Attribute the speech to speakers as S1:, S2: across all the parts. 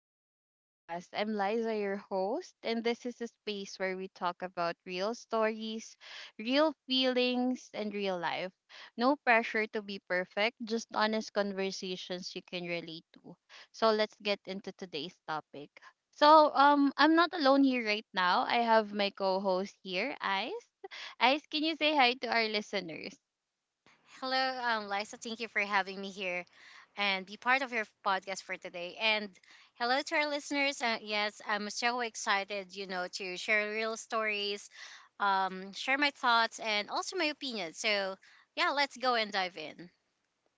S1: to the podcast. I'm Liza, your host, and this is a space where we talk about real stories, real feelings, and real life. No pressure to be perfect, just honest conversations you can relate to. So, let's get into today's topic. So, I'm not alone here right now. I have my co host here, Ice. Ice, can you say hi to our listeners?
S2: Hello, Liza. Thank you for having me here and be part of your podcast for today. And hello to our listeners. Yes, I'm so excited, you know, to share real stories, share my thoughts, and also my opinions. So, yeah, let's go and dive in.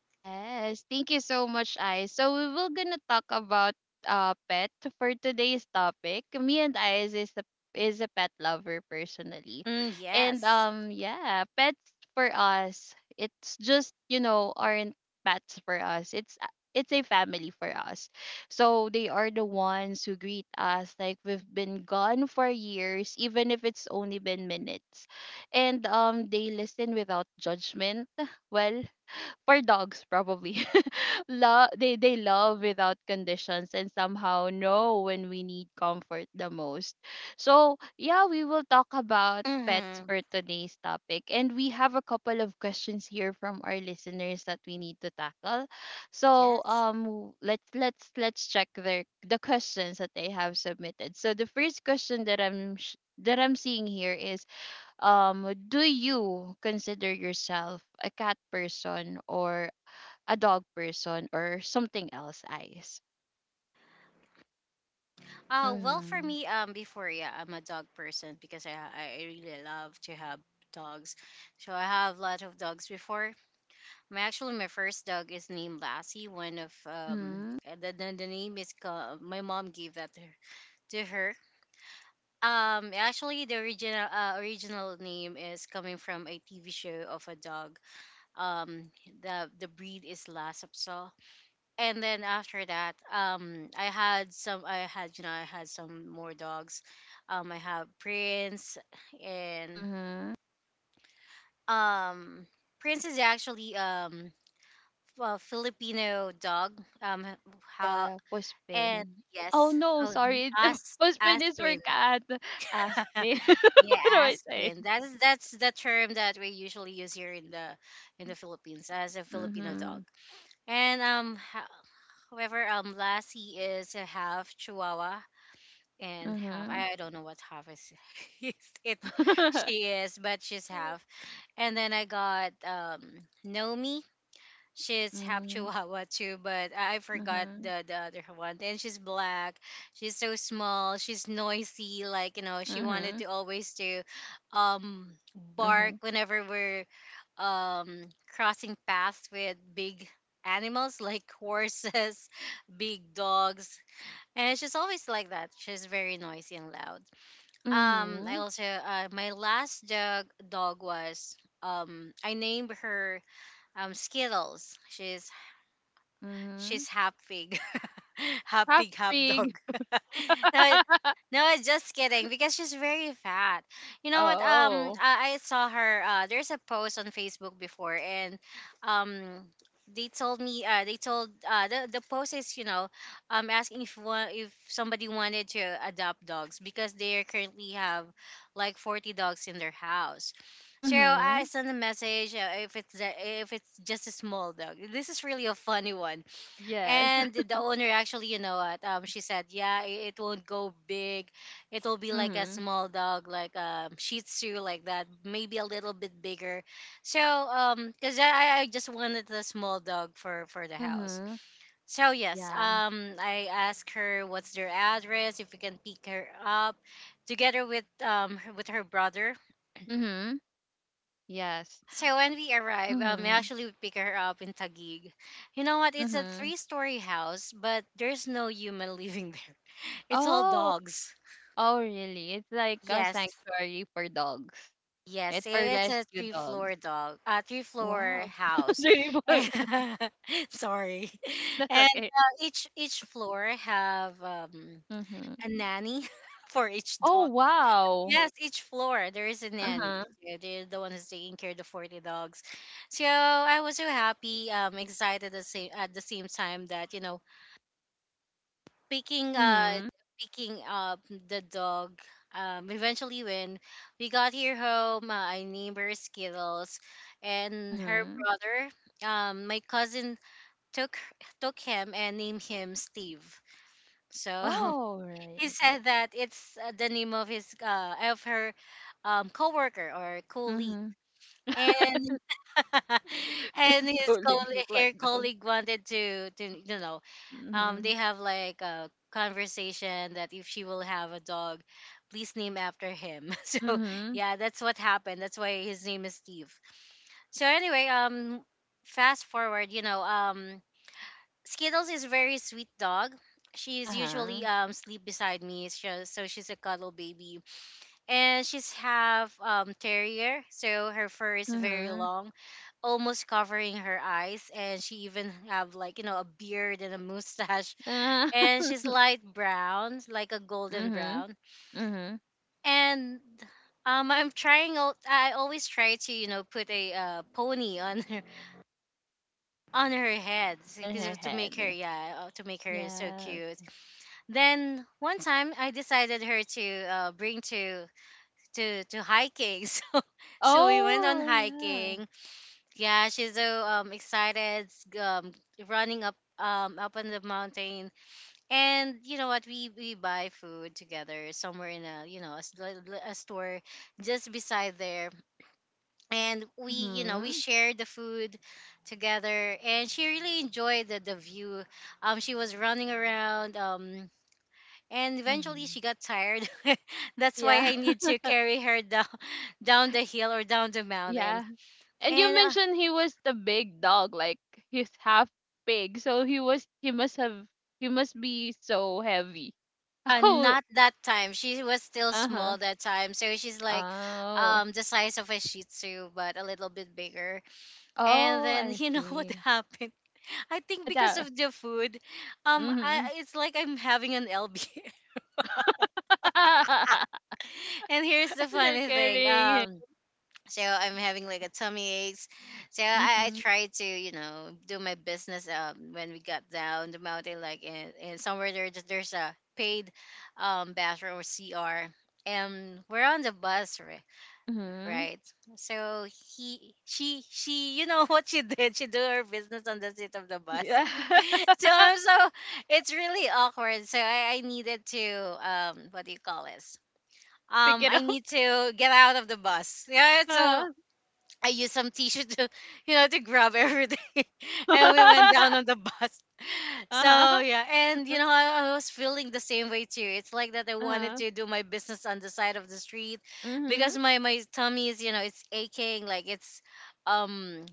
S1: Yes, thank you so much, Ice. So we will gonna talk about pet for today's topic. Me and Ice is a pet lover personally,
S2: Mm, yes.
S1: and yeah, pets for us, it's just, aren't pets for us. It's a family for us. So they are the ones who greet us like we've been gone for years, even if it's only been minutes, and they listen without judgment, well, for dogs probably. Love, they love without conditions, and somehow know when we need comfort the most. So yeah, we will talk about pets
S2: Mm-hmm.
S1: for today's topic, and we have a couple of questions here from our listeners that we need to tackle. So
S2: Yes.
S1: let's check the questions that they have submitted. So the first question that that I'm seeing here is, do you consider yourself a cat person or a dog person or something else, eyes?
S2: Well, for
S1: Mhm.
S2: me, before, yeah, I'm a dog person because I really love to have dogs. So I have a lot of dogs before. My first dog is named Lassie. One of um
S1: Mhm.
S2: eh, the, the, the name is my mom gave that to her. To her. Actually the original name is coming from a TV show of a dog. Um, the breed is Lhasa. And then after that, I had some. I had, you know, I had some more dogs. I have Prince and
S1: Mhm.
S2: um Prince is actually well, Filipino dog. How
S1: Yeah,
S2: and
S1: puspin. Oh
S2: yes,
S1: no,
S2: oh,
S1: sorry. The
S2: as
S1: puspin is for
S2: Aspen.
S1: cat. Aspin.
S2: Yeah,
S1: What do I say?
S2: Aspen. That's the term that we usually use here in the Philippines as a Filipino dog.
S1: Mhm.
S2: And however, Lassie is a half Chihuahua and half,
S1: Mhm.
S2: I don't know what half is. It's she is but She's half. And then I got Nomi. She's half
S1: Mhm.
S2: Chihuahua too, but I forgot
S1: Mhm.
S2: the other one. And she's black. She's so small. She's noisy. Like, you know, she wanted
S1: Mhm.
S2: to always to, um, bark
S1: Mhm.
S2: whenever we're um crossing paths with big animals like horses, big dogs, and she's always like that. She's very noisy and loud. I
S1: Mhm.
S2: also my last dog was I named her Skittles. She's
S1: Mhm.
S2: she's half pig, half
S1: Half
S2: pig, half
S1: pig.
S2: dog. no, no, Just kidding. Because she's very fat. You know what?
S1: Oh.
S2: I saw her. There's a post on Facebook before, and um, they told me. They told, the post is, you know, asking if somebody wanted to adopt dogs because they currently have like 40 dogs in their house. So I
S1: Mhm.
S2: send a message, if it's just a small dog. This is really a funny one.
S1: Yes.
S2: And the owner actually, you know what? She said, "Yeah, it won't go big. It will be like a
S1: Mhm.
S2: small dog, like Shih Tzu, like that. Maybe a little bit bigger." So cause I just wanted a small dog for the house.
S1: Mhm.
S2: So yes,
S1: Yeah.
S2: I asked her what's their address if we can pick her up, together with with her brother.
S1: Mhm. Yes.
S2: So when we arrive, I
S1: Mhm.
S2: actually would pick her up in Taguig. You know what? It's a
S1: Mhm.
S2: three-story house, but there's no human living there. It's all
S1: Oh!
S2: dogs.
S1: Oh, really? It's like a
S2: Yes,
S1: sanctuary for dogs.
S2: yes,
S1: It's for
S2: it's a
S1: rescue dogs.
S2: three-floor
S1: Wow.
S2: house.
S1: Three more.
S2: Sorry,
S1: That's
S2: and
S1: okay.
S2: each floor have,
S1: Mm-hmm.
S2: a nanny for each
S1: Oh,
S2: dog.
S1: wow.
S2: Yes, each floor there is a
S1: Uh-huh.
S2: nanny. So they're the one who's taking care of the 40 dogs. So I was so happy, excited at the same time that, you know, picking uh
S1: Mm-hmm.
S2: picking up the dog. Eventually when we got here home, I named her Skittles, and her
S1: Mm-hmm.
S2: brother, my cousin took took him and named him Steve. So
S1: Oh, right.
S2: he said that it's the name of his, of her coworker or colleague,
S1: Mm-hmm.
S2: and
S1: It's calling look like
S2: her
S1: dogs.
S2: colleague wanted to you know,
S1: Mm-hmm.
S2: they have like a conversation that if she will have a dog, please name after him. So
S1: Mm-hmm.
S2: yeah, that's what happened. That's why his name is Steve. So anyway, fast forward, you know, um, Skittles is a very sweet dog. She's usually
S1: Uh-huh.
S2: sleep beside me, so she's a cuddle baby, and she's half terrier, so her fur is very
S1: Mm-hmm.
S2: long, almost covering her eyes, and she even have, like, you know, a beard and a mustache,
S1: Uh,
S2: and she's light brown, like a golden
S1: mm-hmm.
S2: brown,
S1: Mm-hmm.
S2: and I'm I always try to, you know, put a, pony on her on her head
S1: On her
S2: because to make her
S1: head.
S2: to make her so
S1: Yes.
S2: cute. Then one time I decided her to bring to hiking. So so we went on
S1: Oh, yeah.
S2: hiking. Yeah, she's so excited um running up up on the mountain. And you know what? We buy food together somewhere in a, you know, a, a store just beside there. And we, you know, we
S1: Mm-hmm.
S2: shared the food together. And she really enjoyed the view. She was running around. And eventually
S1: Mhm.
S2: she got tired that's why
S1: Yeah,
S2: I need to carry her down, down the hill or down the mountain.
S1: yeah. And you
S2: And
S1: mentioned he was the big dog, like he's half pig, so he was he must have he must be so heavy. Oh,
S2: not that time, she was still
S1: uh huh.
S2: small that time, so she's like
S1: Oh,
S2: the size of a Shih Tzu but a little bit bigger. And
S1: oh,
S2: then,
S1: I
S2: you know, what
S1: see.
S2: happened, I think
S1: But
S2: because
S1: that.
S2: of the food.
S1: Mhm.
S2: It's like I'm having an LB. And here's the
S1: You're
S2: funny thing.
S1: carrying him.
S2: I'm having like a tummy aches. So I
S1: Mhm.
S2: tried to, you know, do my business when we got down the mountain, like in somewhere there, there's a paid, bathroom or CR. And we're on the bus,
S1: Mhm.
S2: right? So she, you know, what she did? She do her business on the seat of the bus.
S1: Yeah.
S2: So I'm so It's really awkward. So I needed to what do you call this?
S1: Pick
S2: Um,
S1: it
S2: I
S1: up.
S2: need to get out of the bus. Yeah, so
S1: Uh
S2: I used some tissue to, you know, to grab everything. And we went
S1: huh.
S2: down on the bus. So,
S1: Uh huh.
S2: yeah. And, you know, I was feeling the same way too. It's like that I
S1: Uh
S2: wanted
S1: huh.
S2: to do my business on the side of the street because
S1: Mhm.
S2: my tummy is, you know, it's aching. Like um,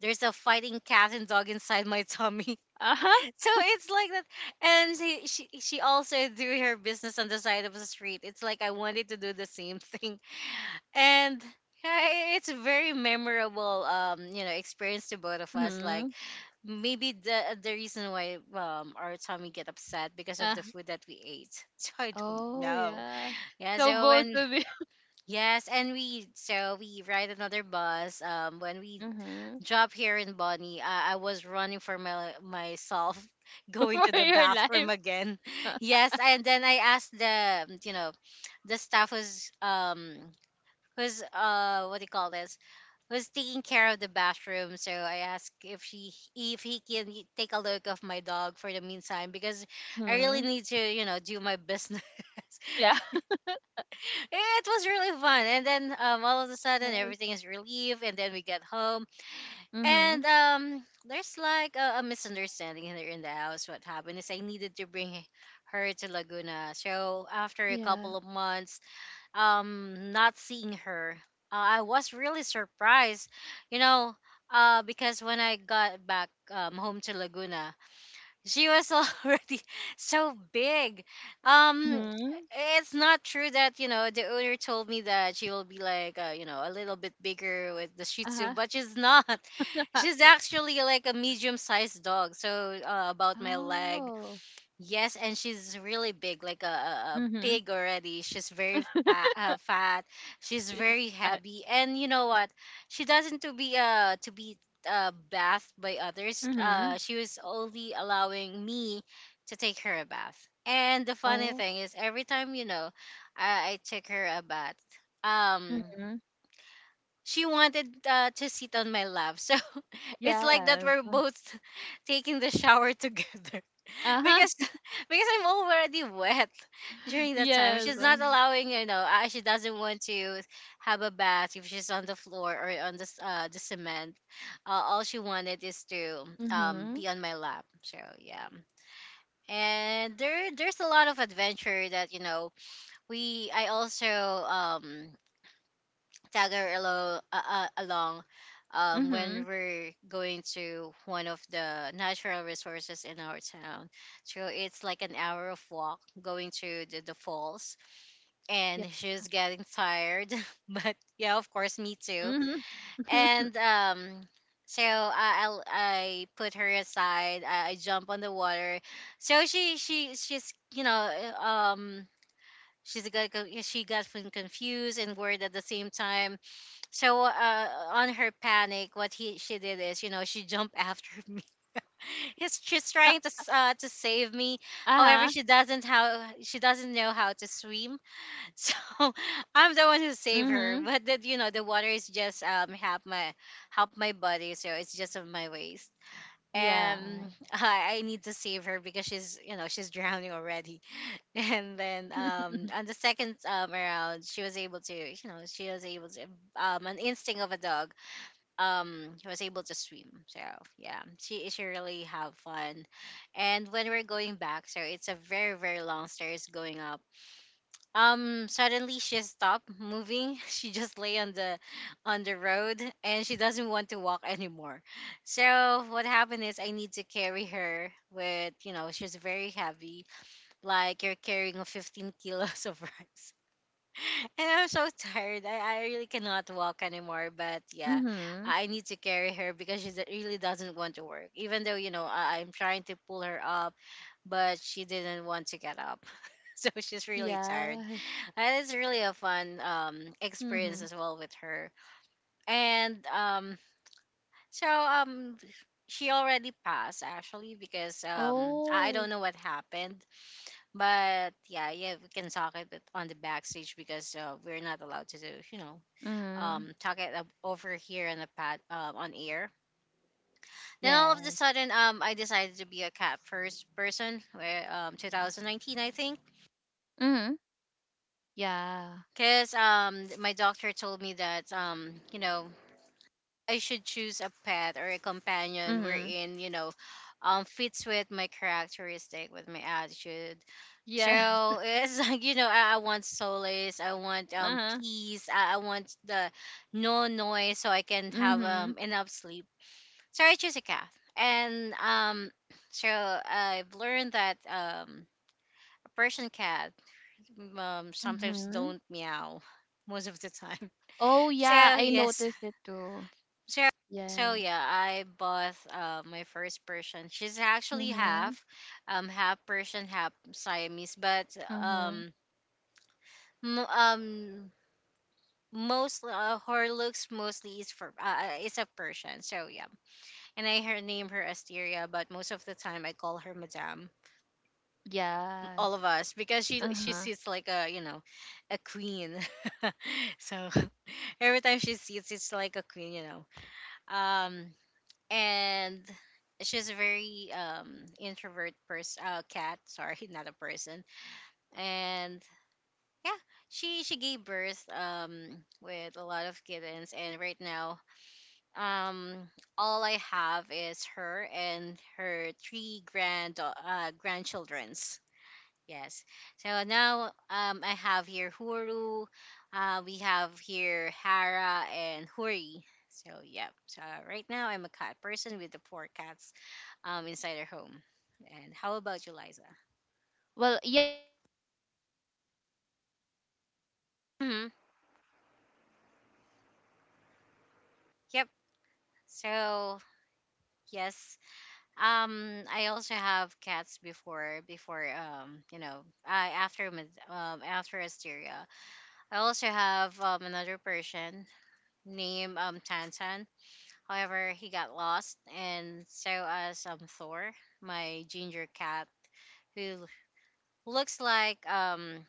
S2: there's a fighting cat and dog inside my tummy.
S1: Uh huh.
S2: So it's like that. And she also do her business on the side of the street. It's like I wanted to do the same thing. And yeah, it's a very memorable you know experience to both of us, like
S1: Mhm.
S2: maybe the reason why our tummy get upset because of
S1: Uh,
S2: the food that we ate. So I don't
S1: oh,
S2: know.
S1: yeah.
S2: Yeah,
S1: So
S2: so
S1: both
S2: when
S1: of you.
S2: yes, and we ride another bus when we
S1: Mm-hmm.
S2: drop here in Bonnie. I was running for my myself going to
S1: For
S2: the
S1: your life.
S2: bathroom again. Yes, and then I asked, the you know, the staff who's what do you call this, was taking care of the bathroom, so I asked if she if he can take a look of my dog for the meantime because I really
S1: Mm-hmm.
S2: need to, you know, do my business.
S1: Yeah.
S2: It was really fun, and then all of a sudden
S1: Yes.
S2: everything is relieved, and then we get home,
S1: Mm-hmm.
S2: and there's like a misunderstanding here in the house. What happened is I needed to bring her to Laguna, so after a
S1: Yeah.
S2: couple of months not seeing her, I was really surprised, you know, uh, because when I got back home to Laguna, she was already so big. Um,
S1: Mm-hmm.
S2: it's not true that you know the owner told me that she will be like, you know, a little bit bigger with the Shih Tzu,
S1: Uh-huh.
S2: but she's not. She's actually like a medium sized dog, so about my leg.
S1: Oh.
S2: Yes, and she's really big, like a
S1: Mm-hmm.
S2: pig already. She's very fat, fat. She's
S1: Yes.
S2: very
S1: Uh,
S2: heavy, and you know what? She doesn't to be, uh, bathed by others.
S1: mm-hmm.
S2: She was only allowing me to take her a bath. And the funny
S1: Oh.
S2: thing is, every time, you know, I took her a bath. Um,
S1: Mm-hmm.
S2: she wanted, to sit on my lap, so it's like that
S1: Yes.
S2: we're both taking the shower together
S1: Uh-huh.
S2: because because I'm already wet during that time.
S1: Yes.
S2: She's not allowing, you know, she doesn't want to have a bath if she's on the floor or on the the cement. All she wanted is to
S1: Mm-hmm.
S2: be on my lap. So yeah. And there's a lot of adventure that you know we I also tagger along, along when
S1: Mm-hmm.
S2: we're going to one of the natural resources in our town. So it's like an hour of walk going to the falls,
S1: Yeah.
S2: and she's getting tired. But yeah, of course, me too.
S1: Mm-hmm.
S2: And so I put her aside. I jump on the water. So she she she's you know uh, um. She's got, she got confused and worried at the same time, so on her panic, what he she did is, she jumped after me. She's trying to to save me. However,
S1: Uh-huh.
S2: she doesn't know how to swim. So I'm the one who saved her.
S1: Mm-hmm.
S2: But the water is just half my body, so it's just on my waist.
S1: Yeah.
S2: And I need to save her because she's you know she's drowning already. And then on the second around, she was able to, you know, she was able to an instinct of a dog, she was able to swim. So yeah, she really have
S1: Mm-hmm.
S2: fun. And when we're going back, so
S1: Yeah.
S2: it's a very long stairs
S1: Well,
S2: going up.
S1: um,
S2: Suddenly she stopped moving. She just lay on the road, and she doesn't want to walk anymore. So what happened is I need to carry her with, you know, she's very heavy, like you're carrying a 15 kilos of rice. And I'm so tired. I really cannot walk anymore. But yeah,
S1: mm-hmm.
S2: I need to carry her because really doesn't want to work. Even though, you know, I, I'm trying to pull her up, but she didn't want to get up. So she's really tired.
S1: Yes.
S2: And it's really a fun experience
S1: Mm-hmm.
S2: as well with her. And so She already passed actually because I
S1: Oh.
S2: don't know what happened, but yeah, yeah, we can talk it but on the backstage because we're not allowed to do, you know,
S1: Mm-hmm.
S2: talk it up over here on the pad, on air. Then all of the
S1: Yes.
S2: sudden, I decided to be a cat first person, where 2019, I think,
S1: Mm-hmm. Yeah.
S2: because my doctor told me that, you know, I should choose a pet or a companion
S1: Mm-hmm.
S2: wherein, you know, fits with my characteristic, with my attitude.
S1: Yes.
S2: So it's like, you know, I want solace, I want
S1: Uh-huh.
S2: peace, I want the no noise so I can have
S1: Mm-hmm.
S2: enough sleep. So I choose a cat, and I've learned that a Persian cat sometimes
S1: Mm-hmm.
S2: don't meow most of the time.
S1: Oh yeah,
S2: So
S1: I
S2: yes,
S1: noticed it too.
S2: so
S1: Yes.
S2: yeah, I bought my first Persian. She's actually
S1: Mm-hmm.
S2: half, half Persian, half Siamese, but
S1: Mm-hmm.
S2: um. M- um most her looks mostly is for is a Persian. So yeah, and I her name her Asteria, but most of the time I call her Madame. All
S1: Yes.
S2: of us because she
S1: Uh-huh.
S2: sits like a, you know, a queen.
S1: Mm-hmm.
S2: So every
S1: Well,
S2: time she sits, it's
S1: yeah.
S2: like a queen, you know. Um
S1: Mm-hmm.
S2: and. She's a very introvert person, cat, sorry, not a person. And yeah, she gave birth with a lot of kittens, and right now um all I have is her and her three grandchildren's. Yes, so now I have here Huru, we have here Hara and Huri. So yeah, so right now I'm a cat person with the four cats inside
S1: Mm-hmm.
S2: our home. And how about you, Liza?
S1: Well, yeah, for me, ice. Well, the
S2: Hmm.
S1: first, I could consider myself as a cat
S2: Yep.
S1: person because I really don't
S2: So
S1: want
S2: yes.
S1: to.
S2: I also have cats before, you know, I after Asteria. I also have another person named Tantan. However, he got lost, and so as Thor, my ginger cat, who looks like um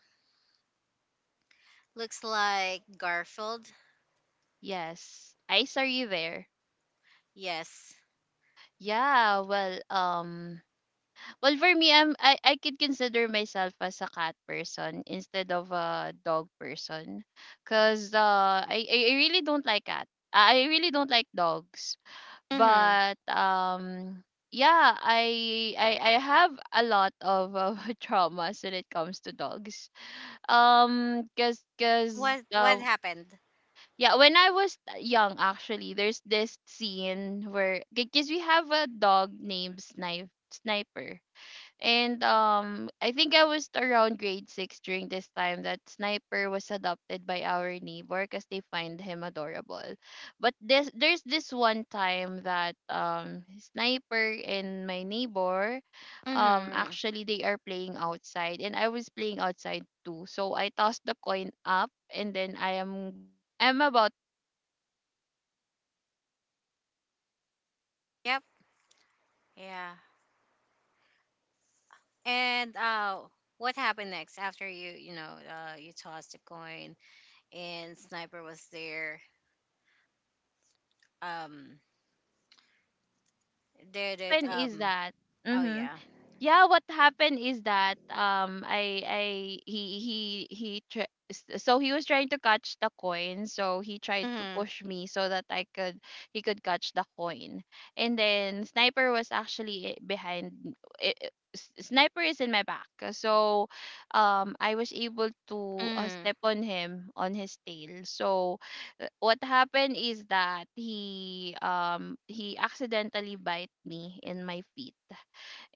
S2: looks
S1: Yes,
S2: like Garfield.
S1: yes. Ice, are you there?
S2: Yes.
S1: Yeah. Well, well, for me, I could consider myself as a cat person instead of a dog person, cause I really don't like cats. I really don't like dogs.
S2: Mhm.
S1: But yeah, I have a lot of traumas when it comes to dogs. Cuz cuz
S2: What happened?
S1: Yeah, when I was young actually, there's this scene where because we have a dog named Sniper. And I think I was around grade six during this time that Sniper was adopted by our neighbor because they find him adorable. But this there's this one time that Sniper and my neighbor,
S2: Mhm.
S1: actually they are playing outside and I was playing outside too. So I tossed the coin up and then I'm about to catch it. I was able to catch the coin, but he also wanted to catch
S2: Yep.
S1: the coin too. And
S2: Yeah.
S1: what happened is that,
S2: And
S1: um
S2: what happened next after you, you know, you tossed the coin and Sniper was there? Um,
S1: yeah, well, what
S2: did it?
S1: happened is that
S2: Oh
S1: mhm,
S2: yeah.
S1: yeah, what happened is that, I so he was trying to catch the coin, so he tried to
S2: Mhm.
S1: push me so that I could he could catch the coin. And then Sniper was actually behind. Sniper is in my back, so I was able to,
S2: Mhm.
S1: step on him on his tail. So, what happened is that he, he accidentally bite me in my feet,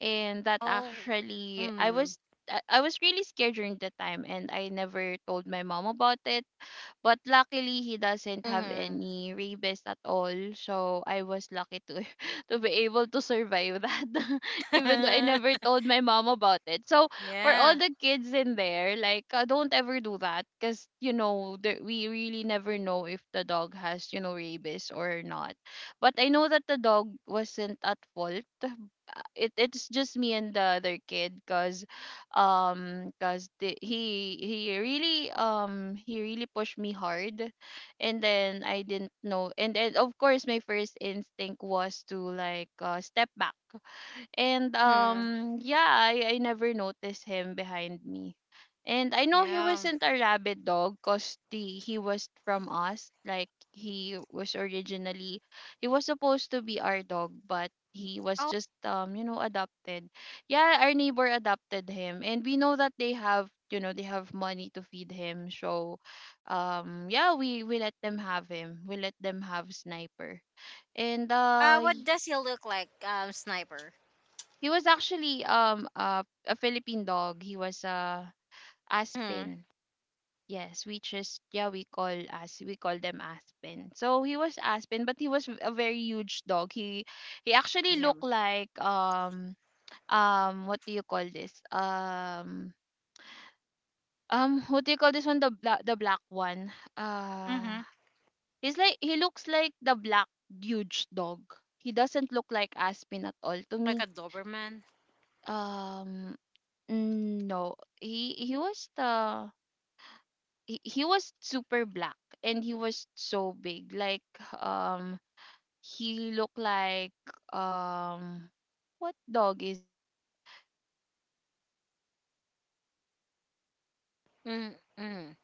S1: and that
S2: Oh.
S1: actually I was
S2: Mhm.
S1: I I was really scared during the time, and I never told my mom about it. But luckily, he doesn't have
S2: Mhm.
S1: any rabies at all. So I was lucky to to be able to survive that, even though I never told my mom about it. So for all
S2: Yeah.
S1: the kids in there, like, don't ever do that, because, there, we really never know if the dog has, rabies or not. But I know that the dog wasn't at fault. It it's just me and the other kid, cause because he really pushed me hard, and then I didn't know, and then of course my first instinct was to, like, step back. And
S2: Mhm.
S1: yeah, I never noticed him behind me. And I know he wasn't
S2: Yeah.
S1: a rabid dog because the he was from us. Like, he was supposed to be our dog, but he was just,
S2: Oh.
S1: adopted. Yeah, our neighbor adopted him, and we know that they have money to feed him. So yeah, we let them have him, we let them have Sniper. And
S2: What does he look like? Sniper.
S1: he was actually a Philippine dog. He was a
S2: Mhm.
S1: Aspen. Yes, we just yeah we call as we call them Aspen. So he was Aspen, but he was a very huge dog. He actually looked
S2: Yeah.
S1: like, what do you call this, what do you call this one, the black one. uh
S2: Mhm.
S1: he looks like the black huge dog. He doesn't look like Aspen at all to
S2: Like
S1: me.
S2: a Doberman.
S1: Um no, he was super black, and he was so big. Like, um he looked like, um what dog is it? 'Cause they have name of it, like,
S2: Mhm. Mhm.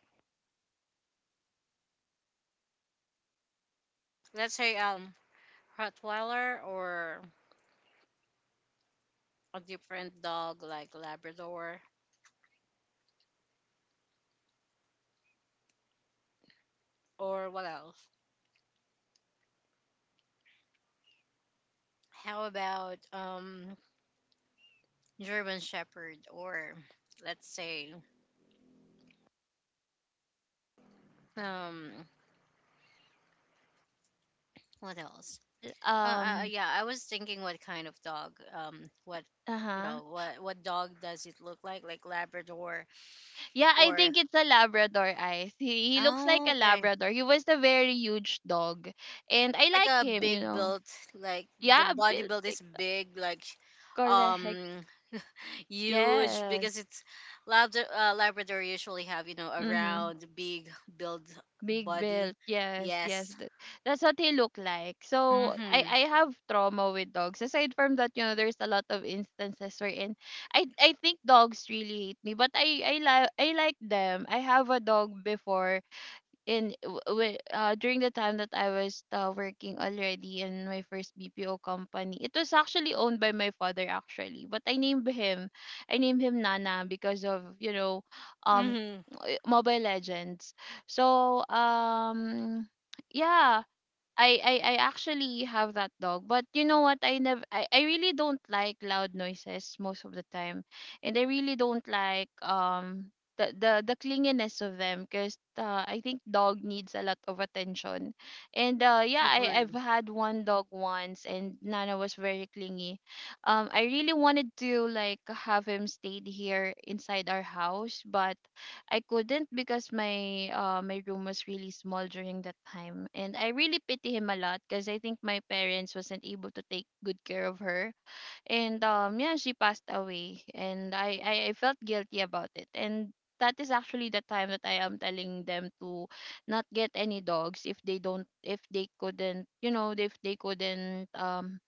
S1: big black dog. But yeah, I think let's just let's just forget
S2: Let's
S1: about
S2: say
S1: it. Let's just, let's just
S2: Rottweiler, or
S1: let's just talk about
S2: a
S1: about
S2: different dog like Labrador. Or what else? How about German Shepherd, or let's say um
S1: yeah.
S2: what else?
S1: Well,
S2: Yeah, I was thinking what kind of dog, what you
S1: Uh-huh.
S2: know, what dog does it look like Labrador
S1: Yeah, I
S2: or
S1: think it's a Labrador, eyes. He looks like
S2: oh
S1: a
S2: okay,
S1: Labrador. He was a very huge dog. And I
S2: like
S1: like
S2: a
S1: him, you
S2: big
S1: know.
S2: built, like the
S1: Yeah,
S2: body
S1: built
S2: build
S1: big,
S2: is big like
S1: correct.
S2: um huge
S1: Yes.
S2: because it's Labrador, Labrador usually have, you know, a
S1: Mm-hmm.
S2: round, big build
S1: Big
S2: body.
S1: built. Yes, yes.
S2: Yes.
S1: That's what he looked like. So, I,
S2: Mhm.
S1: I have trauma with dogs. Aside from that, there's a lot of instances wherein I think dogs really hate me, but I like them. I have a dog before during the time that I was, working already in my first BPO company. It was actually owned by my father actually, but I named him Nana because of, um,
S2: Mhm.
S1: Mobile Legends. So yeah, I actually have that dog, but you know what? I never I, I really don't like loud noises most of the time, and I really don't like, the clinginess of them, because, I think dog needs a lot of attention. And yeah, I
S2: Agree.
S1: I've had one dog once, and Nana was very clingy. I really wanted to, like, have him stayed here inside our house, but I couldn't because my, my room was really small during that time, and I really pity him a lot because I think my parents wasn't able to take good care of her. And yeah, she passed away, and I felt guilty about it. And that is actually the time that I am telling them to not get any dogs if they don't if they couldn't, if they couldn't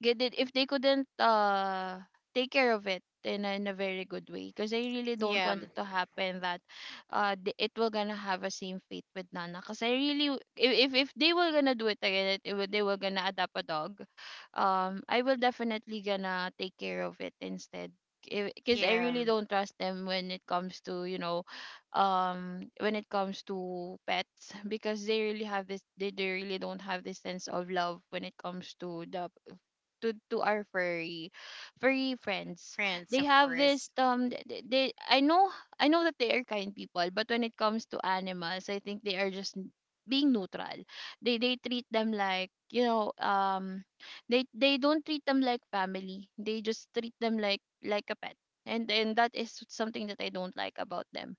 S1: they did if they couldn't, take care of it in a very good way, because I really don't
S2: Yeah,
S1: want it to happen that, it will gonna have a same fate with Nana. Because I really if, if they were gonna do it again, they were gonna adopt a dog, I will definitely gonna take care of it instead. Because I
S2: yeah,
S1: really don't trust them when it comes to, when it comes to pets, because they really don't have this sense of love when it comes to the to our furry friends.
S2: France,
S1: They
S2: of
S1: have
S2: course.
S1: this, th- th- they i know I know that they are kind people, but When it comes to animals, I think they are just being neutral. They treat them like they don't treat them like family, they just treat them like a pet, and that is something that I don't like about them.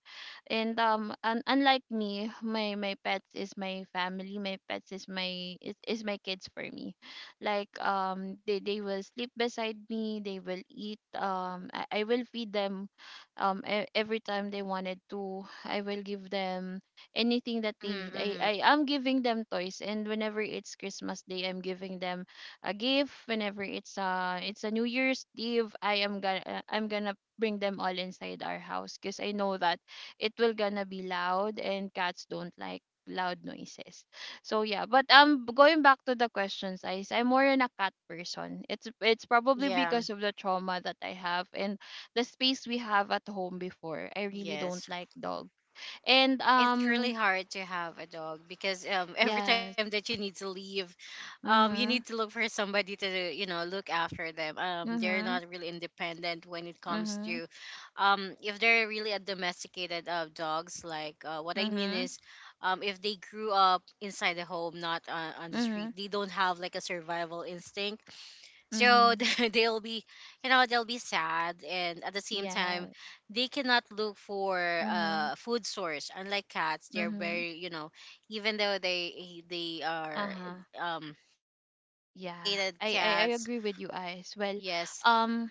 S1: And un Unlike me, my pets is my family. My pets is my kids for me. Like they will sleep beside me, they will eat, I will feed them every time they wanted to. I will give them anything that they need. I,
S2: Mm-hmm.
S1: I am giving them toys, and whenever it's Christmas Day I'm giving them a gift. Whenever it's a New Year's Eve, I'm gonna bring them all inside our house, because I know that it will gonna be loud, and cats don't like loud noises. So yeah, but going back to the questions, guys, I'm more in a cat person. It's probably
S2: Yeah,
S1: because of the trauma that I have, and the space we have at home before. I really don't
S2: yes,
S1: like dog. And
S2: it's really hard to have a dog because every time
S1: yes.
S2: that you need to leave, you
S1: Mm-hmm.
S2: need to look for somebody to, you know, look after them. They're
S1: Mm-hmm.
S2: not really independent when it comes
S1: Mm-hmm.
S2: to if they're really a domesticated dogs, like, what I mean
S1: Mm-hmm.
S2: is, if they grew up inside the home, not on the
S1: Mm-hmm.
S2: street, they don't have like a survival instinct. So
S1: Mm-hmm.
S2: they'll be, you know, they'll be sad, and at the same
S1: Yeah.
S2: time they cannot look for
S1: Mm-hmm.
S2: food source, unlike cats. They're
S1: Hmm.
S2: very, you know, even though they are
S1: Uh-huh.
S2: um
S1: Yeah.
S2: domesticated
S1: I
S2: cats.
S1: agree with you, Ice. Well,
S2: Yes.
S1: um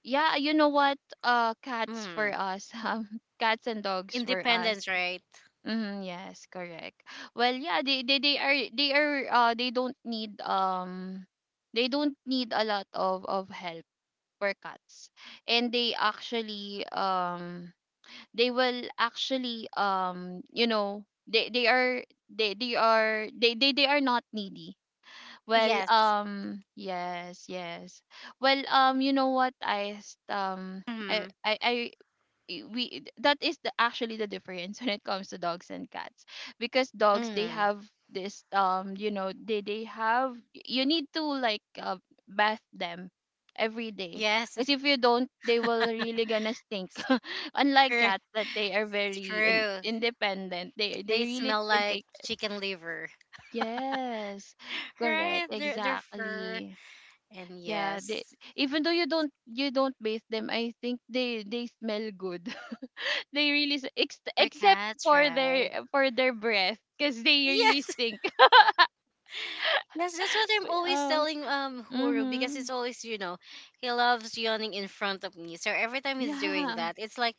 S1: yeah, you know what? Cats for
S2: Mm.
S1: us. Cats and dogs for us.
S2: Independence, right?
S1: Mm, yes, correct. Well, yeah, they are they are they don't need a lot of help for cats, and they actually they will actually you know they are they are they are not needy. Well,
S2: Yes.
S1: yes, yes. Well, you know what? I, s- I,
S2: Mm.
S1: I, I, I- We. That is the actually the difference when it comes to dogs and cats, because dogs they
S2: Mm.
S1: have this, you know, they have. You need to like bath them every day,
S2: Yes.
S1: because if you don't, they will really gonna stink. Unlike cats,
S2: It's
S1: that they are very
S2: true,
S1: independent. They
S2: they
S1: really
S2: smell
S1: can
S2: like
S1: take.
S2: chicken liver.
S1: Yes. Correct,
S2: Right, their fur.
S1: exactly.
S2: And
S1: Yeah, they,
S2: yes,
S1: even though you don't bathe them, I think they smell good. They really
S2: for
S1: except
S2: cats,
S1: for
S2: right?
S1: their breath, because they really
S2: Yes.
S1: stink.
S2: Yes, that's what I'm
S1: But
S2: always
S1: oh,
S2: telling Huru because
S1: mm-hmm.
S2: it's always, you know, he loves yawning in front of me. So every time he's doing
S1: Yeah,
S2: that, it's like,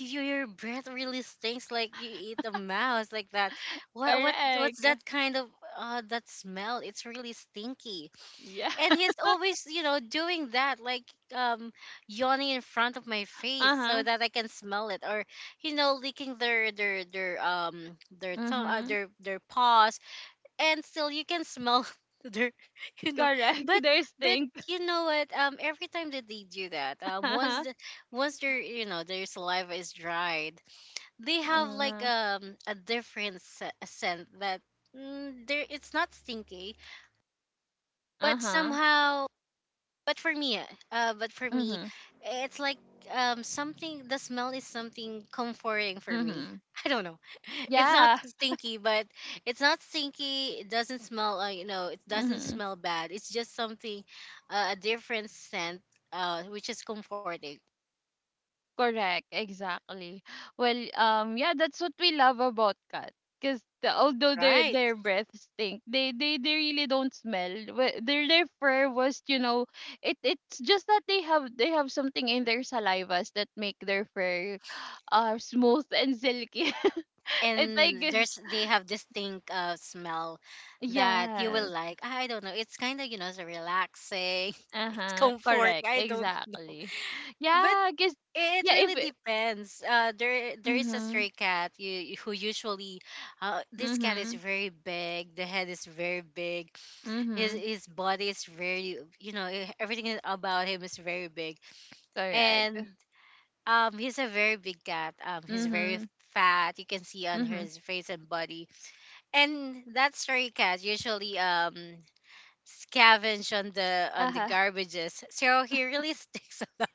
S2: "Y- your breath really stinks like you eat a mouse like that. What what's
S1: correct.
S2: that kind of that smell? It's really stinky.
S1: Yeah.
S2: And he's always, you know, doing that, like um yawning in front of my face so
S1: Uh-huh.
S2: that I can smell it, or, you know, licking their their tongue,
S1: Mm-hmm.
S2: their paws, and still you can smell their you know.
S1: Correct.
S2: But
S1: They
S2: but
S1: stink.
S2: you know what, every time that they do that, once
S1: Uh-huh.
S2: their, you know, their saliva is dried, they have like
S1: Uh-huh.
S2: a different a scent that, mm, there it's not stinky, but
S1: Uh-huh.
S2: somehow, but for me but for me,
S1: Mm-hmm.
S2: it's like something, the smell is something comforting for me.
S1: Mm-hmm.
S2: I don't know. It's not
S1: Yeah.
S2: stinky, but it's not stinky it doesn't smell, you know, it doesn't
S1: Mm-hmm.
S2: smell bad, it's just something a different scent, which is comforting.
S1: Correct, exactly. Well, yeah, that's what we love about cats. Because the, although their
S2: Right.
S1: their breath stink, they really don't smell. Their fur was, you know, it it's just that they have something in their salivas that make their fur smooth and silky. It's
S2: And
S1: like,
S2: there's, they have distinct smell that you will
S1: yes,
S2: like, I don't know, it's kind of, you know, it's relaxing.
S1: uh
S2: It's
S1: huh,
S2: comforting,
S1: correct,
S2: I don't know,
S1: exactly.
S2: but
S1: Yeah, because
S2: it
S1: yeah,
S2: really
S1: if it,
S2: depends. There there is a
S1: mm-hmm,
S2: stray cat you, who usually, this cat is
S1: mm-hmm,
S2: very big. The head is very big. His
S1: mm-hmm,
S2: his body is very, you know, everything about him is very big.
S1: correct,
S2: And he's a very big cat. He's very
S1: mm-hmm,
S2: fat. You can see on
S1: mm-hmm.
S2: his face and body. And that stray cat usually scavenge on the
S1: Uh-huh.
S2: garbages. So he really sticks a lot.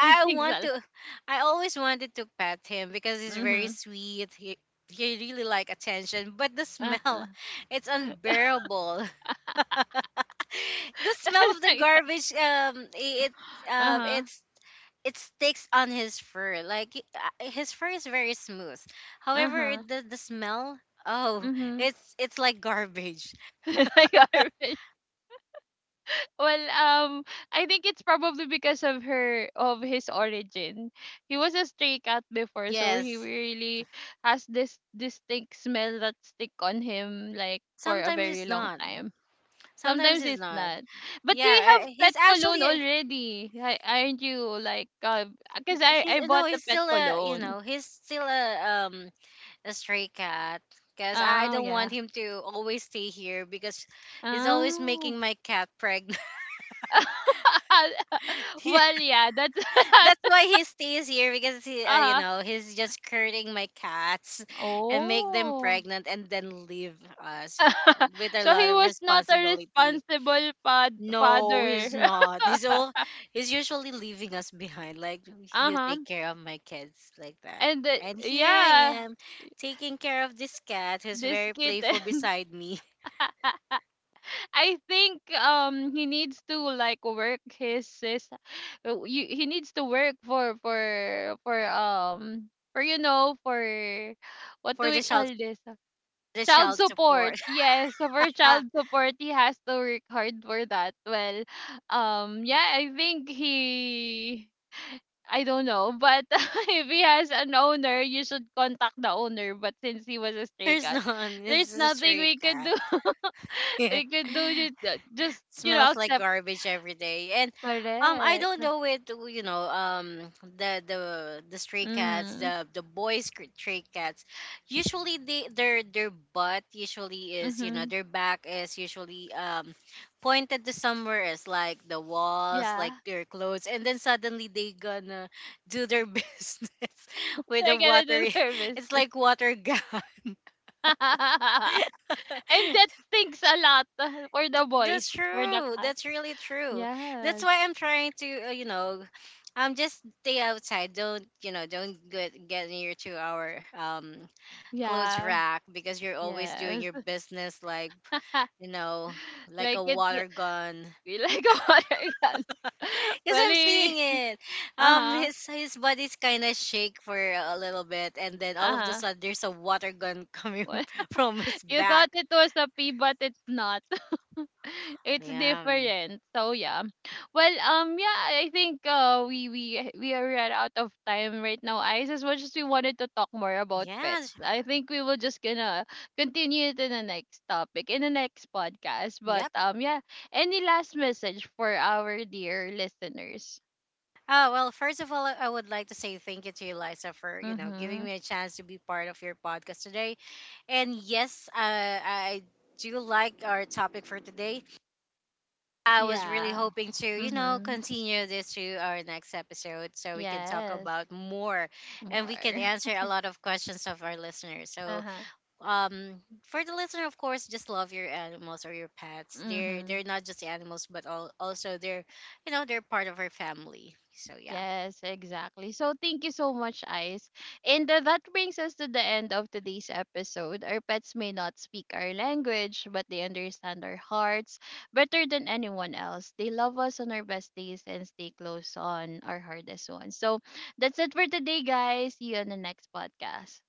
S1: These
S2: I
S1: things
S2: want
S1: are. Lot.
S2: to I always wanted to pet him because he's very
S1: Mhm.
S2: sweet. He really like attention, but the
S1: Uh-huh.
S2: smell, it's unbearable. The smell
S1: It's
S2: of the
S1: like that.
S2: garbage,
S1: Uh-huh.
S2: it's, it sticks on his fur, like his fur is very smooth, however
S1: Uh-huh.
S2: the smell, oh,
S1: Mhm.
S2: it's like garbage.
S1: Like orange. Well, I think it's probably because of her of his origin. He was a stray cat before, so he
S2: Yes.
S1: really has this distinct smell that stick on him like for a
S2: Sometimes it's
S1: very long
S2: not.
S1: time.
S2: Sometimes
S1: Sometimes
S2: it's
S1: it's
S2: not.
S1: not. But do you
S2: Yeah,
S1: have pet
S2: he's
S1: cologne
S2: actually a-
S1: already? Aren't you like cause I
S2: he's
S1: I
S2: no,
S1: bought the
S2: he's
S1: pet
S2: still a, you
S1: cologne.
S2: know, he's still um a stray cat because I
S1: Oh
S2: don't want
S1: yeah.
S2: him to always stay here because he's always
S1: Oh.
S2: making my cat pregnant. Yeah,
S1: Well, yeah, that's
S2: that's why he stays here because he, you
S1: uh-huh.
S2: know, he's just curting my cats and make them
S1: Oh.
S2: pregnant and then leave us with a
S1: So he
S2: lot of
S1: was not a
S2: responsibility.
S1: responsible
S2: No,
S1: father.
S2: he's not. He's all, he's usually leaving us behind. Like, you
S1: Uh-huh.
S2: take care of my kids like that.
S1: And
S2: And here I
S1: yeah,
S2: am taking care of this cat who's
S1: this
S2: very playful
S1: kitten.
S2: beside me.
S1: I think he needs to like work he needs to work for you know for, what do
S2: For
S1: we
S2: the
S1: call
S2: child,
S1: this?
S2: the
S1: Child
S2: child
S1: support.
S2: support.
S1: Yes, so for
S2: Ah,
S1: child support, he has to work hard for that. Well, yeah, I think he. I don't know, but if he has an owner, you should contact the owner. But since he was a stray
S2: there's
S1: cat,
S2: none.
S1: there's
S2: It's a
S1: nothing
S2: stray
S1: we could
S2: cat.
S1: do. We could do just, you know,
S2: Smells like
S1: accept.
S2: garbage every day, and I don't
S1: Correct.
S2: know, it, you know, the stray cats,
S1: Mhm.
S2: the boys, stray cats, usually they their butt usually is, you know,
S1: Mhm.
S2: their back is usually pointed to somewhere else, like the walls, like
S1: Yeah,
S2: their clothes, and then suddenly they gonna do their business with the
S1: they're gonna
S2: water,
S1: do
S2: it's
S1: service,
S2: like water gun.
S1: and that stinks a lot for the
S2: That's
S1: boys, for the
S2: true.
S1: cat.
S2: That's really true. That's
S1: Yes.
S2: why I'm trying to, you know, just stay outside. Don't, you know, don't get near to our clothes
S1: Yeah.
S2: rack because you're always doing
S1: Yes.
S2: your business like, you know, like a
S1: Like it's
S2: water gun.
S1: like a water gun.
S2: Because I'm seeing
S1: Funny.
S2: it.
S1: Uh-huh.
S2: His body's kind of shake for a little bit, and then all of a
S1: Uh-huh.
S2: sudden there's a water gun coming from his
S1: You
S2: back.
S1: thought it was a pea, but it's not. It's
S2: Yeah.
S1: different. So yeah. Well, yeah, I think we we are run out of time right now. Eyes, as much as we wanted to talk more about pets,
S2: Yeah.
S1: I think we will just gonna continue it in the next topic in the next podcast. But
S2: Yep.
S1: yeah, any last message for our dear listeners?
S2: Oh, well, first of all, I would like to say thank you to you, Liza, for, you know, giving
S1: Mm-hmm.
S2: me a chance to be part of your podcast today. And yes, I do like our topic for today. I was really
S1: Yeah.
S2: hoping to, you know,
S1: Mm-hmm.
S2: continue this to our next episode so we can talk
S1: Yes.
S2: about more, and we can
S1: More.
S2: answer a lot of questions of our listeners. So,
S1: Uh-huh.
S2: for the listener, of course, just love your animals or your pets. They're
S1: Mm-hmm.
S2: they're not just animals, but all, also they're, you know, they're part of our family. So, yeah.
S1: Yes, exactly. So thank you so much, Ice. And that brings us to the end of today's episode. Our pets may not speak our language, but they understand our hearts better than anyone else. They love us on our best days and stay close on our hardest ones. So that's it for today, guys. See you on the next podcast.